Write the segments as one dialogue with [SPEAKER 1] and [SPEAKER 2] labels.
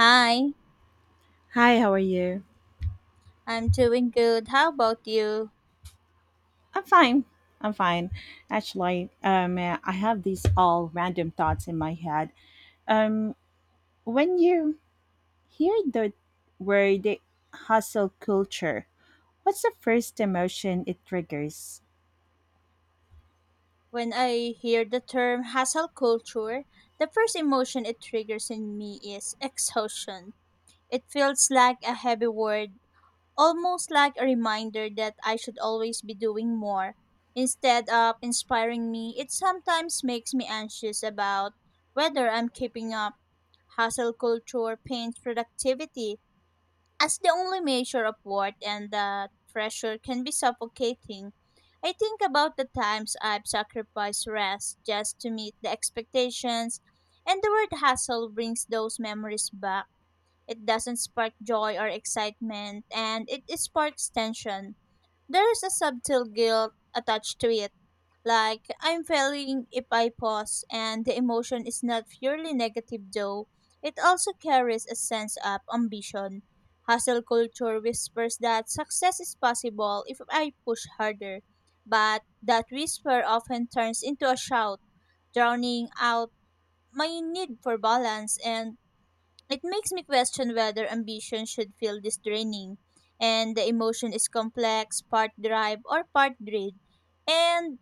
[SPEAKER 1] Hi,
[SPEAKER 2] Hi, how are you?
[SPEAKER 1] I'm doing good. How about you?
[SPEAKER 2] I'm fine. I'm fine. Actually, I have these all random thoughts in my head. Um, when you hear the word hustle culture, what's the first emotion it triggers?
[SPEAKER 1] When I hear the term hustle culture, the first emotion it triggers in me is exhaustion. It feels like a heavy word, almost like a reminder that I should always be doing more. Instead of inspiring me, it sometimes makes me anxious about whether I'm keeping up. Hustle culture pains productivity as the only measure of worth and that pressure can be suffocating. I think about the times I've sacrificed rest just to meet the expectations, and the word hustle brings those memories back. It doesn't spark joy or excitement, and it sparks tension. There is a subtle guilt attached to it like, I'm failing if I pause, and the emotion is not purely negative though. It also carries a sense of ambition. Hustle culture whispers that success is possible if I push harder, but that whisper often turns into a shout, drowning out my need for balance, and it makes me question whether ambition should feel this draining. And the emotion is complex, part drive or part greed. And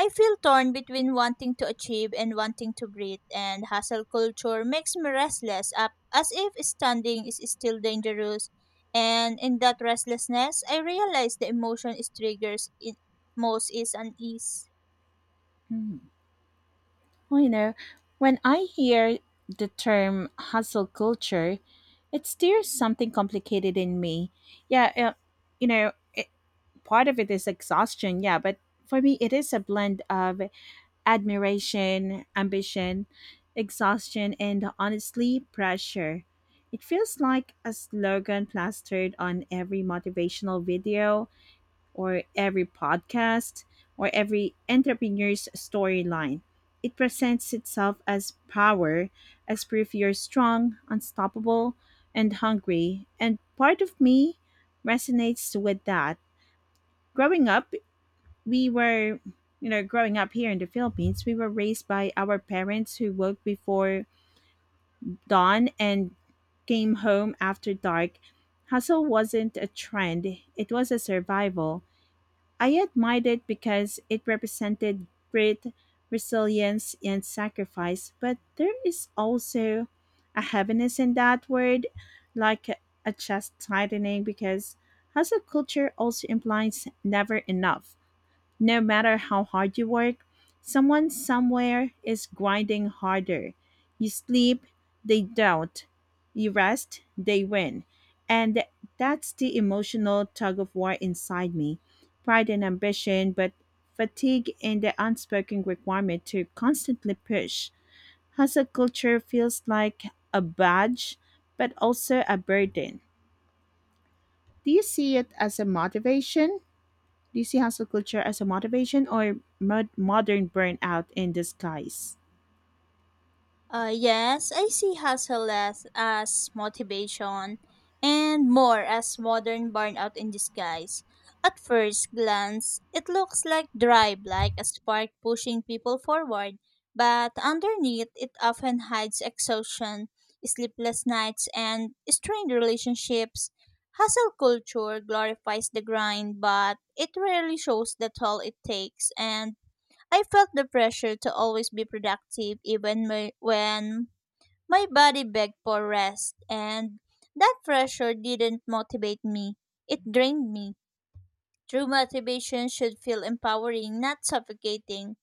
[SPEAKER 1] I feel torn between wanting to achieve and wanting to breathe, and hustle culture makes me restless, up as if standing is still dangerous. And in that restlessness, I realize the emotion is triggers in most is unease.
[SPEAKER 2] Hmm. Well, when I hear the term hustle culture, it stirs something complicated in me. Yeah, you know, it, part of it is exhaustion, yeah, but for me, it is a blend of admiration, ambition, exhaustion, and honestly, pressure. It feels like a slogan plastered on every motivational video, or every podcast or every entrepreneur's storyline. It presents itself as power, as proof you're strong, unstoppable, and hungry. And part of me resonates with that. Growing up, we were, you know, growing up here in the Philippines, we were raised by our parents who woke before dawn and came home after dark. Hustle wasn't a trend, it was a survival. I admired it because it represented grit, resilience, and sacrifice, but there is also a heaviness in that word, like a chest tightening, because hustle culture also implies never enough. No matter how hard you work, someone somewhere is grinding harder. You sleep, they don't. You rest, they win. And that's the emotional tug of war inside me pride and ambition, but fatigue and the unspoken requirement to constantly push. Hustle culture feels like a badge, but also a burden. Do you see it as a motivation? Do you see hustle culture as a motivation or modern burnout in disguise?
[SPEAKER 1] Yes, I see hustle less as motivation and more as modern burnout in disguise. At first glance, it looks like drive, like a spark pushing people forward, but underneath it often hides exhaustion, sleepless nights, and strained relationships. Hustle culture glorifies the grind, but it rarely shows the toll it takes and I felt the pressure to always be productive when my body begged for rest, and that pressure didn't motivate me. It drained me. True motivation should feel empowering, not suffocating.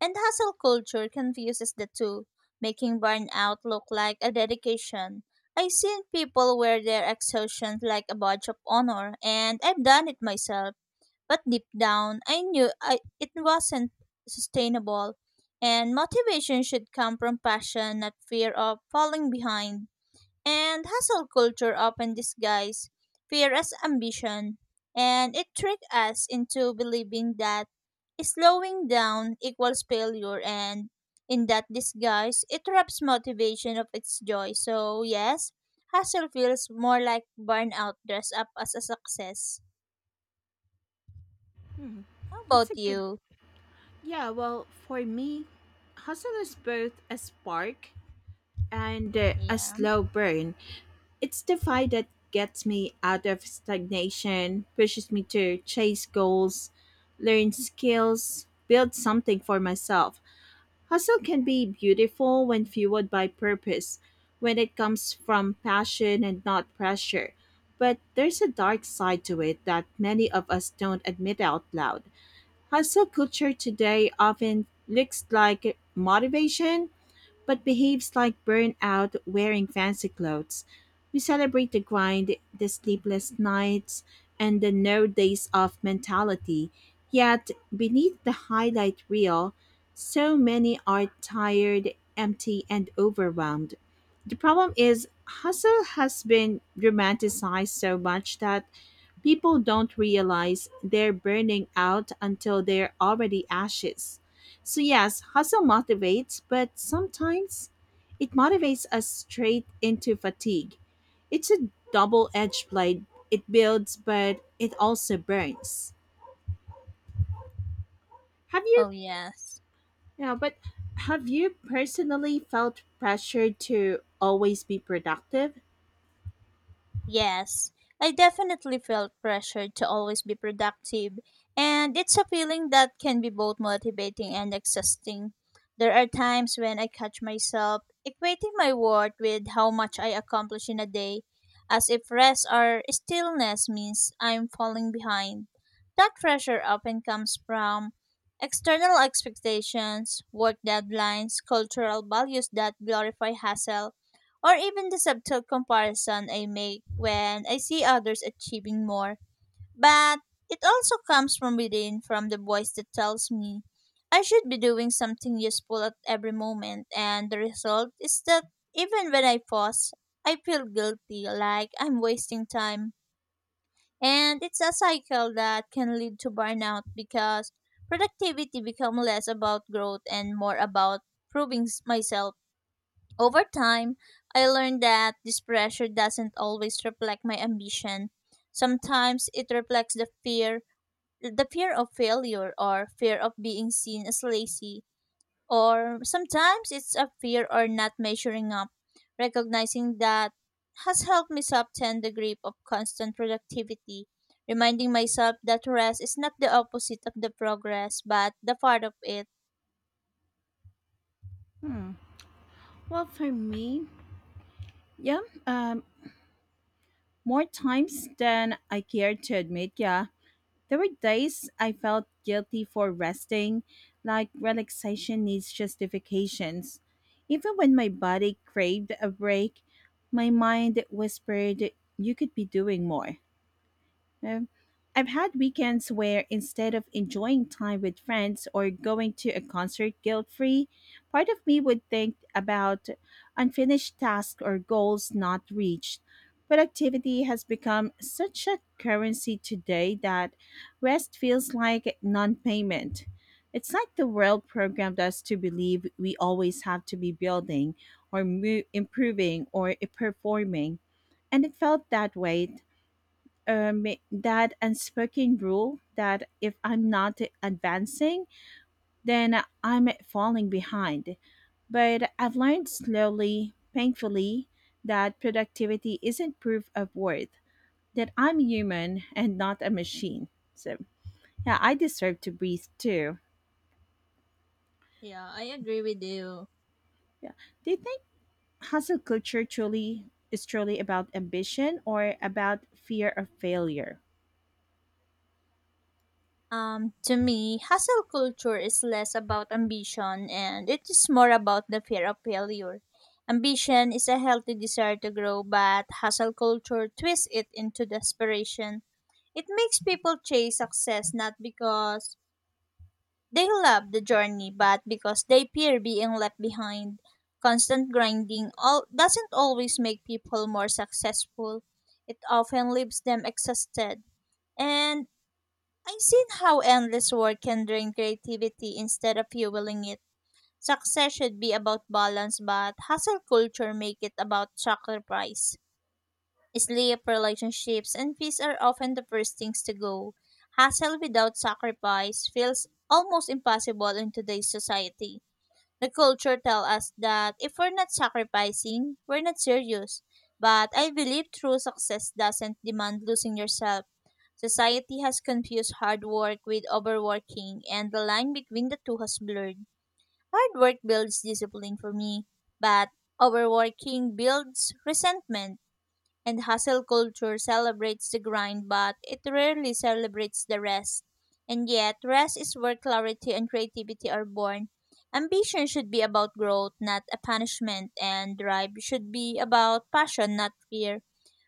[SPEAKER 1] And hustle culture confuses the two, making burnout look like a dedication. I've seen people wear their exhaustion like a badge of honor, and I've done it myself but deep down, I knew it wasn't sustainable. And motivation should come from passion, not fear of falling behind. And hustle culture often disguise fear as ambition. And it tricked us into believing that slowing down equals failure. And in that disguise, it robs motivation of its joy. So, yes, hustle feels more like burnout dressed up as a success. How
[SPEAKER 2] That's a
[SPEAKER 1] about
[SPEAKER 2] good.
[SPEAKER 1] you?
[SPEAKER 2] Yeah, well, for me, hustle is both a spark and a
[SPEAKER 1] Yeah.
[SPEAKER 2] slow burn. It's the fight that gets me out of stagnation, pushes me to chase goals, learn skills, build something for myself. Hustle can be beautiful when fueled by purpose, when it comes from passion and not pressure. But there's a dark side to it that many of us don't admit out loud. Hustle culture today often looks like motivation, but behaves like burnout wearing fancy clothes. We celebrate the grind, the sleepless nights, and the no days off mentality. Yet, beneath the highlight reel, so many are tired, empty, and overwhelmed. The problem is, hustle has been romanticized so much that people don't realize they're burning out until they're already ashes. So, yes, hustle motivates, but sometimes it motivates us straight into fatigue. It's a double edged blade. It builds, but it also burns. Have you,
[SPEAKER 1] Oh, yes.
[SPEAKER 2] yeah, but have you personally felt pressure to always be productive?
[SPEAKER 1] Yes. I definitely felt pressured to always be productive, and it's a feeling that can be both motivating and exhausting. There are times when I catch myself equating my worth with how much I accomplish in a day, as if rest or stillness means I'm falling behind. That pressure often comes from external expectations, work deadlines, cultural values that glorify hustle, or even the subtle comparison I make when I see others achieving more. But it also comes from within, from the voice that tells me I should be doing something useful at every moment. And the result is that even when I pause, I feel guilty, like I'm wasting time. And it's a cycle that can lead to burnout because productivity becomes less about growth and more about proving myself. Over time, I learned that this pressure doesn't always reflect my ambition. Sometimes it reflects the fear of failure or fear of being seen as lazy, or sometimes it's a fear or not measuring up. Recognizing that has helped me soften the grip of constant productivity, reminding myself that rest is not the opposite of the progress but the part of it.
[SPEAKER 2] Hmm. Well, for me, yeah, um, more times than I care to admit, yeah. There were days I felt guilty for resting, like relaxation needs justifications. Even when my body craved a break, my mind whispered, You could be doing more. Um, I've had weekends where instead of enjoying time with friends or going to a concert guilt free, part of me would think about unfinished tasks or goals not reached. Productivity has become such a currency today that rest feels like non payment. It's like the world programmed us to believe we always have to be building or improving or performing and it felt that way that unspoken rule that if I'm not advancing, then I'm falling behind. But I've learned slowly, painfully, that productivity isn't proof of worth, that I'm human and not a machine. So, yeah, I deserve to breathe too.
[SPEAKER 1] Yeah, I agree with you.
[SPEAKER 2] Yeah. Do you think hustle culture truly is truly about ambition or about fear of failure?
[SPEAKER 1] To me, hustle culture is less about ambition and it is more about the fear of failure. Ambition is a healthy desire to grow, but hustle culture twists it into desperation. It makes people chase success not because they love the journey, but because they fear being left behind. Constant grinding all doesn't always make people more successful. It often leaves them exhausted. And I've seen how endless work can drain creativity instead of fueling it. Success should be about balance, but hustle culture make it about sacrifice. Sleep, relationships, and peace are often the first things to go. Hustle without sacrifice feels almost impossible in today's society. The culture tells us that if we're not sacrificing, we're not serious. But I believe true success doesn't demand losing yourself. Society has confused hard work with overworking, and the line between the two has blurred. Hard work builds discipline for me, but overworking builds resentment and hustle culture celebrates the grind, but it rarely celebrates the rest. And yet, rest is where clarity and creativity are born. Ambition should be about growth, not a punishment, and drive should be about passion, not fear.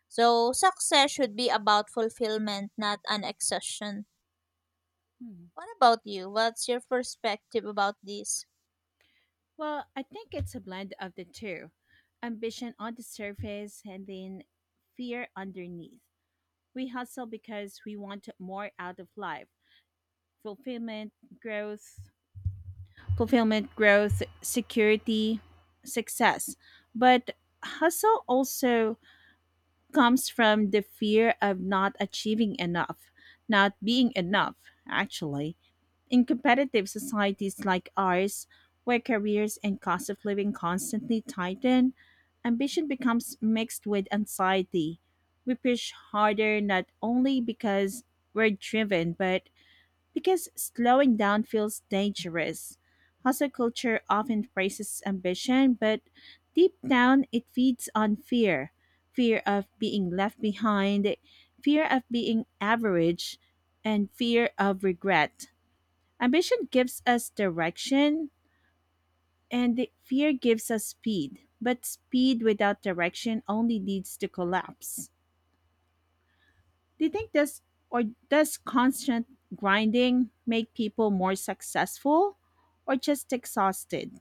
[SPEAKER 1] So, success should be about fulfillment, not an exhaustion.
[SPEAKER 2] Hmm.
[SPEAKER 1] What about you? What's your perspective about this?
[SPEAKER 2] Well, I think it's a blend of the two ambition on the surface and then fear underneath. We hustle because we want more out of life fulfillment, growth, fulfillment, growth, security, success. But hustle also comes from the fear of not achieving enough, not being enough, actually. In competitive societies like ours, where careers and cost of living constantly tighten, ambition becomes mixed with anxiety. We push harder not only because we're driven, but because slowing down feels dangerous. Hustle culture often praises ambition, but deep down it feeds on fear fear of being left behind, fear of being average, and fear of regret. Ambition gives us direction, and the fear gives us speed. But speed without direction only leads to collapse. Do you think this or does constant grinding make people more successful or just exhausted?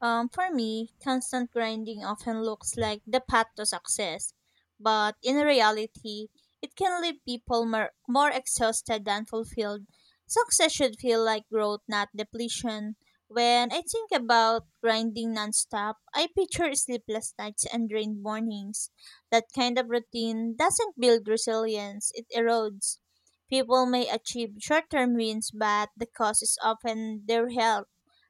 [SPEAKER 1] For me, constant grinding often looks like the path to success, but in reality, it can leave people more exhausted than fulfilled. Success should feel like growth, not depletion. When I think about grinding nonstop, I picture sleepless nights and drained mornings. That kind of routine doesn't build resilience, it erodes. People may achieve short term wins, but the cause is often their health.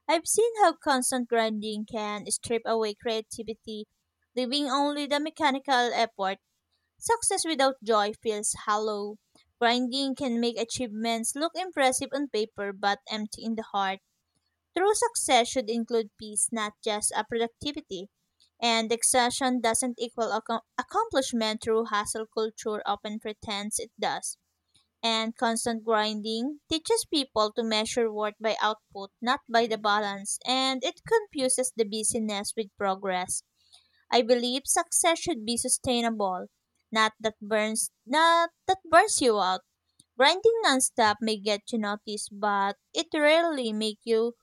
[SPEAKER 1] I've seen how constant grinding can strip away creativity, leaving only the mechanical effort. Success without joy feels hollow. Grinding can make achievements look impressive on paper but empty in the heart. True success should include peace, not just a productivity. And exhaustion doesn't equal accomplishment through hustle culture often pretends it does and constant grinding teaches people to measure worth by output, not by the balance, and it confuses the busyness with progress. I believe success should be sustainable, not that burns you out. Grinding nonstop may get you noticed, but it rarely make you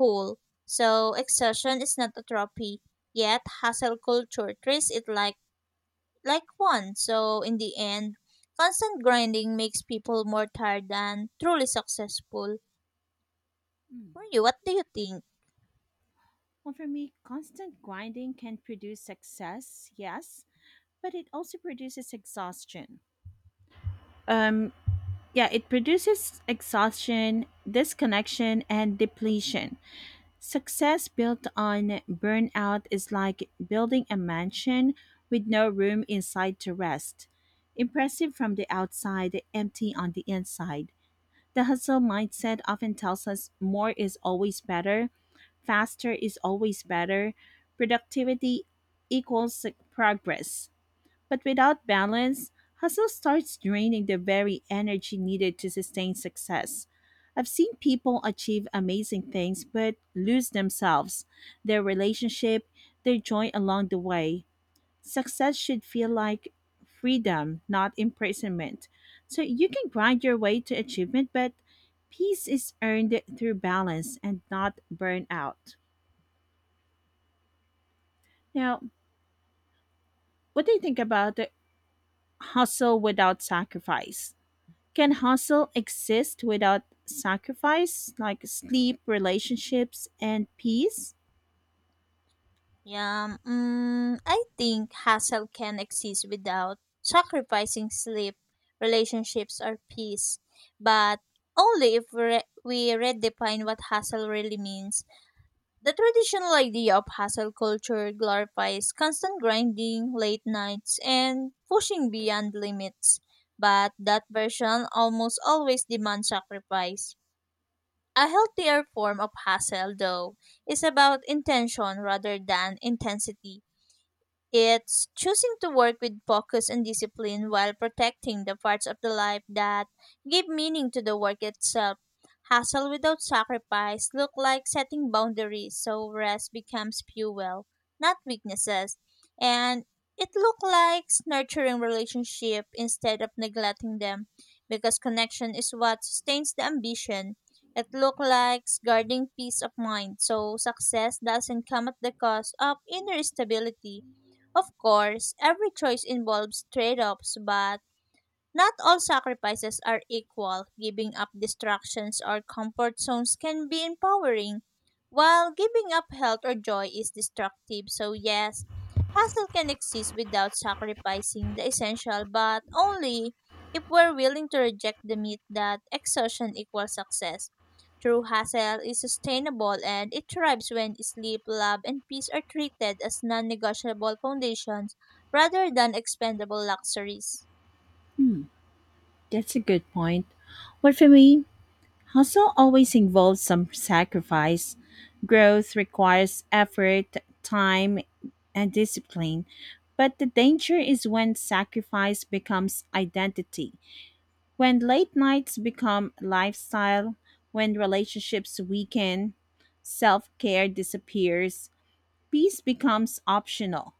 [SPEAKER 1] whole. So exhaustion is not a trophy. Yet hustle culture treats it like one. So in the end, constant grinding makes people more tired than truly successful. For
[SPEAKER 2] Hmm.
[SPEAKER 1] you, what do you think?
[SPEAKER 2] Well, for me, constant grinding can produce success, yes, but it also produces exhaustion. Um, yeah, it produces exhaustion, disconnection, and depletion. Success built on burnout is like building a mansion with no room inside to rest. Impressive from the outside, empty on the inside. The hustle mindset often tells us more is always better, faster is always better, productivity equals progress. But without balance, hustle starts draining the very energy needed to sustain success. I've seen people achieve amazing things but lose themselves, their relationship, their joy along the way. Success should feel like freedom, not imprisonment. So you can grind your way to achievement, but peace is earned through balance and not burnout. Now, what do you think about the hustle without sacrifice? Can hustle exist without sacrifice, like sleep, relationships, and peace?
[SPEAKER 1] Yeah, I think hustle can exist without sacrificing sleep, relationships, or peace, but only if we redefine what hustle really means. The traditional idea of hustle culture glorifies constant grinding, late nights, and pushing beyond limits. But that version almost always demands sacrifice. A healthier form of hustle, though, is about intention rather than intensity. It's choosing to work with focus and discipline while protecting the parts of the life that give meaning to the work itself. Hustle without sacrifice look like setting boundaries so rest becomes fuel, not weaknesses. And it look like nurturing relationship instead of neglecting them because connection is what sustains the ambition. It look like guarding peace of mind so success doesn't come at the cost of inner stability. Of course, every choice involves trade offs, but not all sacrifices are equal. Giving up distractions or comfort zones can be empowering, while giving up health or joy is destructive. So, yes, hustle can exist without sacrificing the essential, but only if we're willing to reject the myth that exhaustion equals success. True hustle is sustainable and it thrives when sleep, love, and peace are treated as non negotiable foundations rather than expendable luxuries.
[SPEAKER 2] Hmm, that's a good point. But for me, hustle always involves some sacrifice. Growth requires effort, time, and discipline. But the danger is when sacrifice becomes identity, when late nights become lifestyle, when relationships weaken, self care disappears, Peace becomes optional.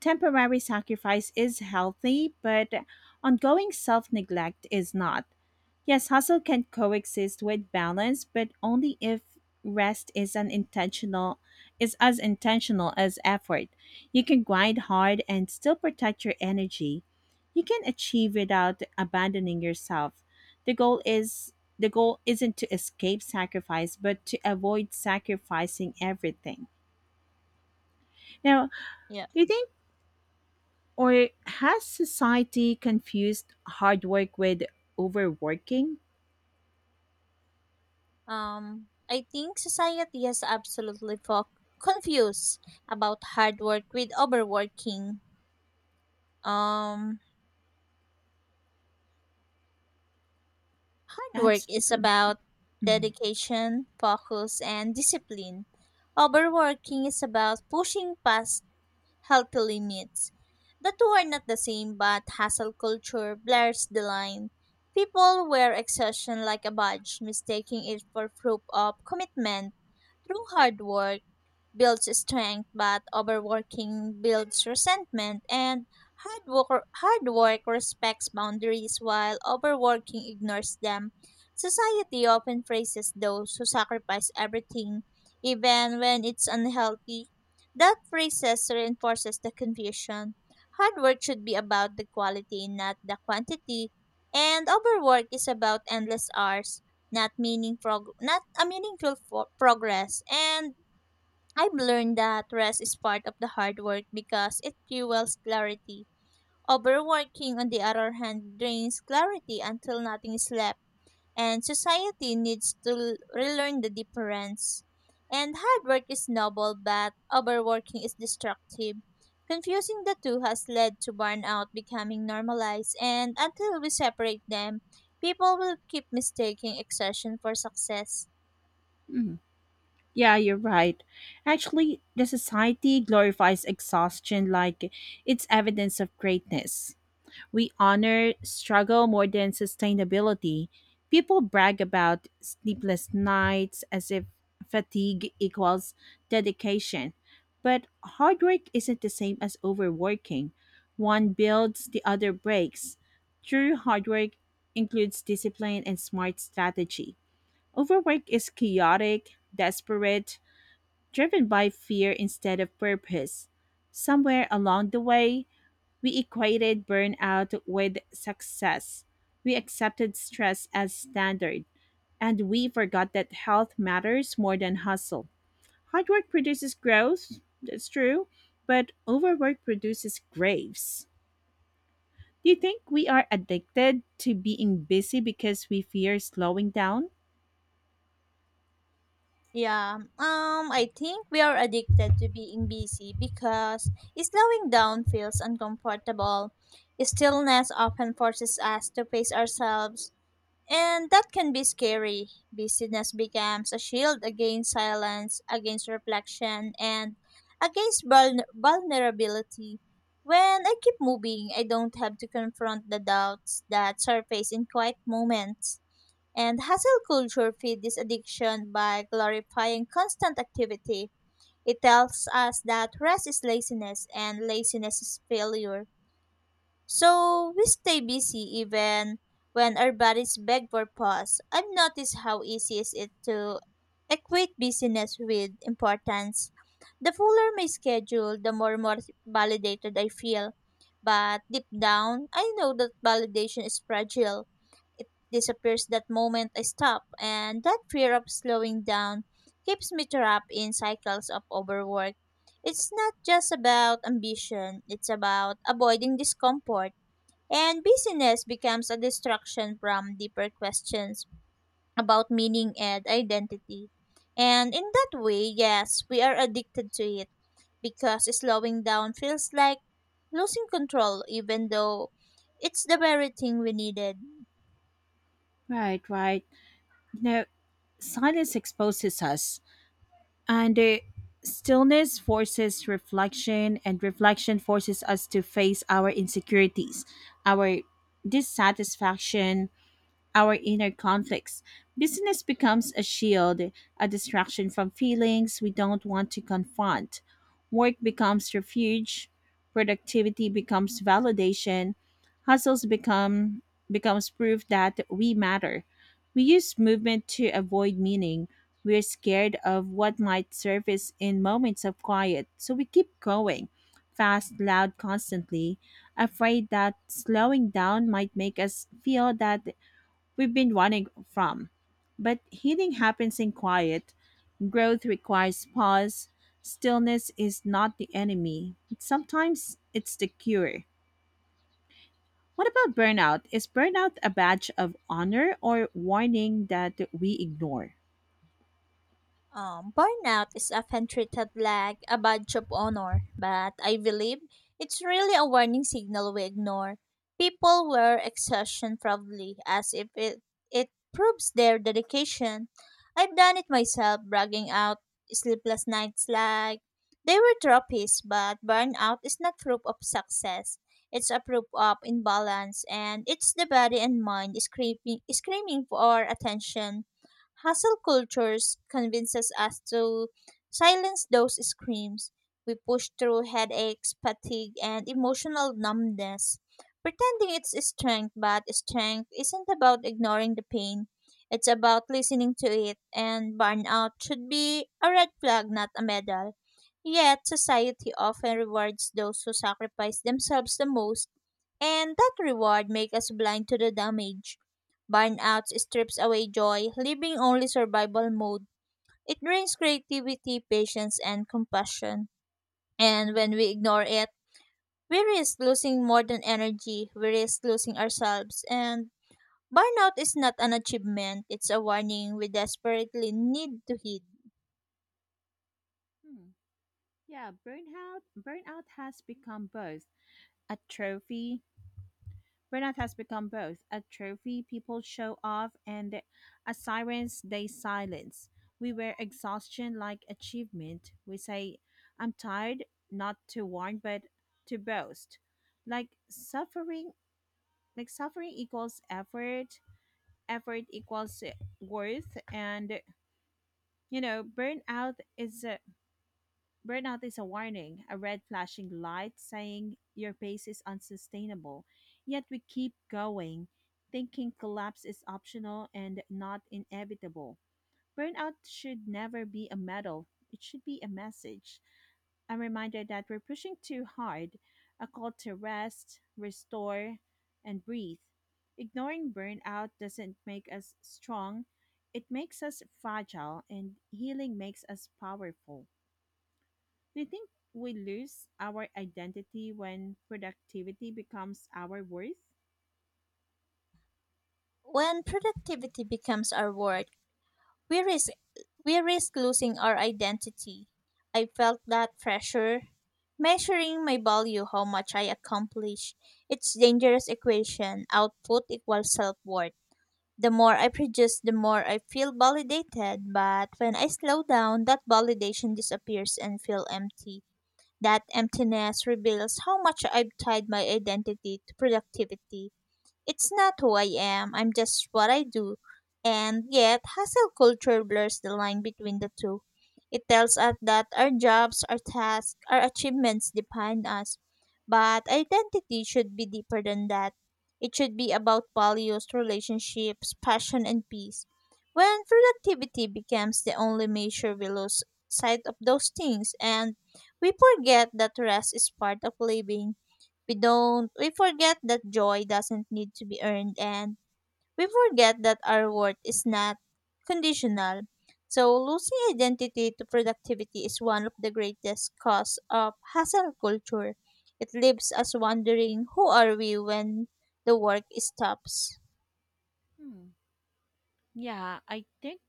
[SPEAKER 2] Temporary sacrifice is healthy, but ongoing self neglect is not. Yes, hustle can coexist with balance, but only if rest is an intentional is as intentional as effort. You can grind hard and still protect your energy. You can achieve without abandoning yourself. The goal isn't to escape sacrifice, but to avoid sacrificing everything. Now,
[SPEAKER 1] Yeah.
[SPEAKER 2] do you think Or has society confused hard work with overworking?
[SPEAKER 1] I think society has absolutely confused about hard work with overworking. Um, Hard work is
[SPEAKER 2] Absolutely.
[SPEAKER 1] about
[SPEAKER 2] Mhm.
[SPEAKER 1] dedication, focus, and discipline. Overworking is about pushing past healthy limits. The two are not the same, but hustle culture blurs the line. People wear exhaustion like a badge, mistaking it for proof of commitment. Through hard work, builds strength, but overworking builds resentment. And hard work respects boundaries, while overworking ignores them. Society often praises those who sacrifice everything, even when it's unhealthy. That phrases reinforces the confusion. Hard work should be about the quality, not the quantity. And overwork is about endless hours, not a meaningful progress. And I've learned that rest is part of the hard work because it fuels clarity. Overworking, on the other hand, drains clarity until nothing is left, and society needs to relearn the difference. And hard work is noble, but overworking is destructive. Confusing the two has led to burnout becoming normalized, and until we separate them, people will keep mistaking exertion for success.
[SPEAKER 2] Mhm. Yeah, you're right. Actually, the society glorifies exhaustion like it's evidence of greatness. We honor struggle more than sustainability. People brag about sleepless nights as if fatigue equals dedication. But hard work isn't the same as overworking. One builds, the other breaks. True hard work includes discipline and smart strategy. Overwork is chaotic, desperate, driven by fear instead of purpose. Somewhere along the way, we equated burnout with success. We accepted stress as standard, and we forgot that health matters more than hustle. Hard work produces growth, that's true, but overwork produces graves. Do you think we are addicted to being busy because we fear slowing down?
[SPEAKER 1] Yeah, I think we are addicted to being busy because slowing down feels uncomfortable. Stillness often forces us to face ourselves, and that can be scary. Busyness becomes a shield against silence, against reflection, and against vulnerability. When I keep moving, I don't have to confront the doubts that surface in quiet moments. And hustle culture feeds this addiction by glorifying constant activity. It tells us that rest is laziness and laziness is failure. So we stay busy even when our bodies beg for pause. I've noticed how easy is it to equate busyness with importance. The fuller my schedule, the more validated I feel. But deep down, I know that validation is fragile. It disappears that moment I stop, and that fear of slowing down keeps me trapped in cycles of overwork. It's not just about ambition, it's about avoiding discomfort. And busyness becomes a distraction from deeper questions about meaning and identity. And in that way, yes, we are addicted to it because slowing down feels like losing control, even though it's the very thing we needed.
[SPEAKER 2] Right, right. You know, silence exposes us. And stillness forces reflection, and reflection forces us to face our insecurities, our dissatisfaction, our inner conflicts. Business becomes a shield, a distraction from feelings we don't want to confront. Work becomes refuge, productivity becomes validation, hustles become becomes proof that we matter. We use movement to avoid meaning. We're scared of what might surface in moments of quiet, so we keep going, fast, loud, constantly, afraid that slowing down might make us feel that we've been running from. But healing happens in quiet. Growth requires pause. Stillness is not the enemy. Sometimes it's the cure. What about burnout? Is burnout a badge of honor or warning that we ignore?
[SPEAKER 1] Burnout is often treated like a badge of honor, but I believe it's really a warning signal we ignore. People wear exhaustion proudly as if it proves their dedication. I've done it myself, bragging out sleepless nights like they were trophies, but burnout is not proof of success. It's a proof of imbalance, and it's the body and mind screaming, screaming for attention. Hustle cultures convinces us to silence those screams. We push through headaches, fatigue, and emotional numbness, pretending it's strength, but strength isn't about ignoring the pain. It's about listening to it, and burnout should be a red flag, not a medal. Yet, society often rewards those who sacrifice themselves the most, and that reward makes us blind to the damage. Burnout strips away joy, leaving only survival mode. It drains creativity, patience, and compassion. And when we ignore it, we risk losing more than energy, we risk losing ourselves. And burnout is not an achievement, it's a warning we desperately need to heed.
[SPEAKER 2] Hmm. Yeah, burnout has become both a trophy. Burnout has become both a trophy people show off and a silence they silence. We wear exhaustion like achievement. We say, I'm tired, not to warn, but to boast. Like suffering, like suffering equals effort, effort equals worth, and you know, burnout is a Burnout is a warning, a red flashing light saying your pace is unsustainable. Yet we keep going, thinking collapse is optional and not inevitable. Burnout should never be a medal, it should be a message, a reminder that we're pushing too hard, a call to rest, restore, and breathe. Ignoring burnout doesn't make us strong, it makes us fragile, and healing makes us powerful. I think we lose our identity when productivity becomes our worth.
[SPEAKER 1] When productivity becomes our work, We risk we risk losing our identity. I felt that pressure. Measuring my value, how much I accomplish. It's dangerous equation. Output equals self worth. The more I produce, the more I feel validated. But when I slow down, that validation disappears and feel empty. That emptiness reveals how much I've tied my identity to productivity. It's not who I am, I'm just what I do. And yet, hustle culture blurs the line between the two. It tells us that our jobs, our tasks, our achievements define us. But identity should be deeper than that. It should be about values, relationships, passion, and peace. When productivity becomes the only measure, we lose sight of those things and we forget that rest is part of living. We forget that joy doesn't need to be earned, and we forget that our worth is not conditional. So losing identity to productivity is one of the greatest cause of hustle culture. It leaves us wondering who are we when the work stops.
[SPEAKER 2] Hmm. Yeah, I think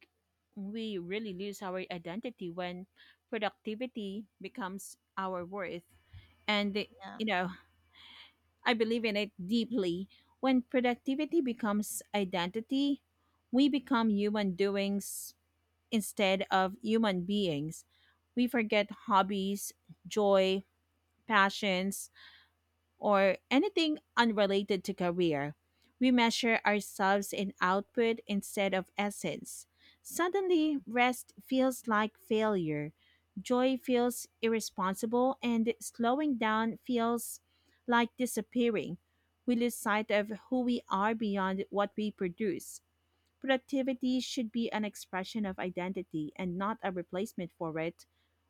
[SPEAKER 2] we really lose our identity when productivity becomes our worth. And,
[SPEAKER 1] Yeah.
[SPEAKER 2] you know, I believe in it deeply. When productivity becomes identity, we become human doings instead of human beings. We forget hobbies, joy, passions, or anything unrelated to career. We measure ourselves in output instead of essence. Suddenly, rest feels like failure. Joy feels irresponsible, and slowing down feels like disappearing. We lose sight of who we are beyond what we produce. Productivity should be an expression of identity and not a replacement for it.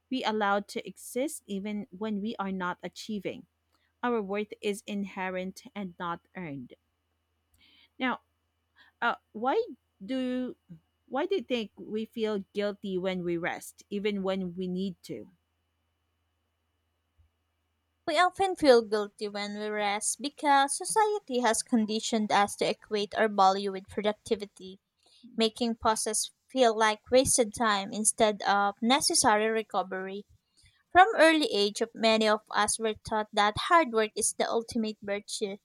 [SPEAKER 2] We allowed to exist even when we are not achieving. Our worth is inherent and not earned. Now, uh, why do why do you think we feel guilty when we rest, even when we need to?
[SPEAKER 1] We often feel guilty when we rest because society has conditioned us to equate our value with productivity, making pauses feel like wasted time instead of necessary recovery. From early age, many of us were taught that hard work is the ultimate virtue,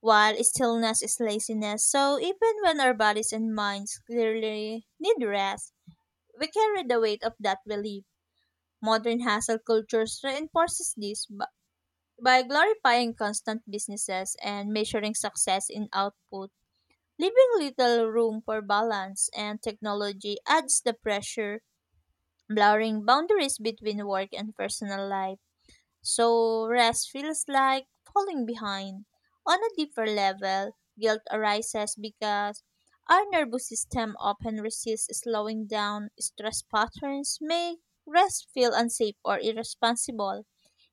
[SPEAKER 1] while stillness is laziness. So even when our bodies and minds clearly need rest, we carry the weight of that belief. Modern hustle cultures reinforces this by glorifying constant businesses and measuring success in output, leaving little room for balance, and technology adds the pressure, blurring boundaries between work and personal life. So rest feels like falling behind. On a deeper level, guilt arises because our nervous system often resists slowing down. Stress patterns make rest feel unsafe or irresponsible.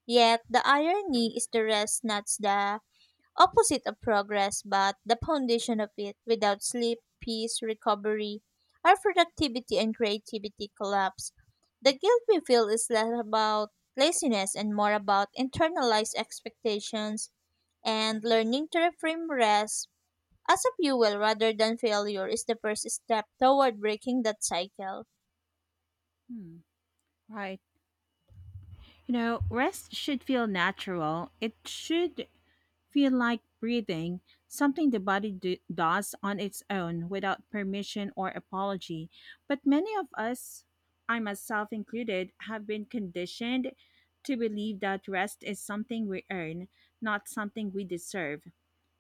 [SPEAKER 1] Yet the irony is the rest not the opposite of progress, but the foundation of it. Without sleep, peace, recovery, our productivity and creativity collapse. The guilt we feel is less about laziness and more about internalized expectations, and learning to reframe rest as a fuel rather than failure is the first step toward breaking that cycle.
[SPEAKER 2] Hmm, right. Rest should feel natural. It should feel like breathing, something the body does on its own without permission or apology. But many of us, I myself included, have been conditioned to believe that rest is something we earn, not something we deserve.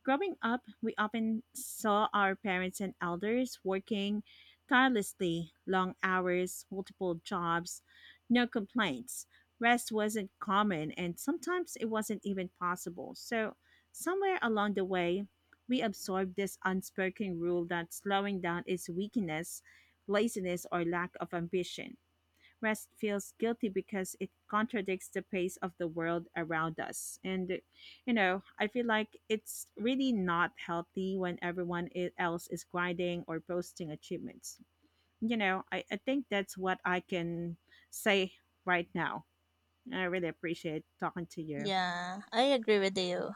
[SPEAKER 2] Growing up, we often saw our parents and elders working tirelessly, long hours, multiple jobs, no complaints. Rest wasn't common, and sometimes it wasn't even possible. So, somewhere along the way, we absorbed this unspoken rule that slowing down is weakness, laziness, or lack of ambition. Rest feels guilty because it contradicts the pace of the world around us. And, I feel like it's really not healthy when everyone else is grinding or posting achievements. I think that's what I can say right now. I really appreciate talking to you.
[SPEAKER 1] Yeah, I agree with you.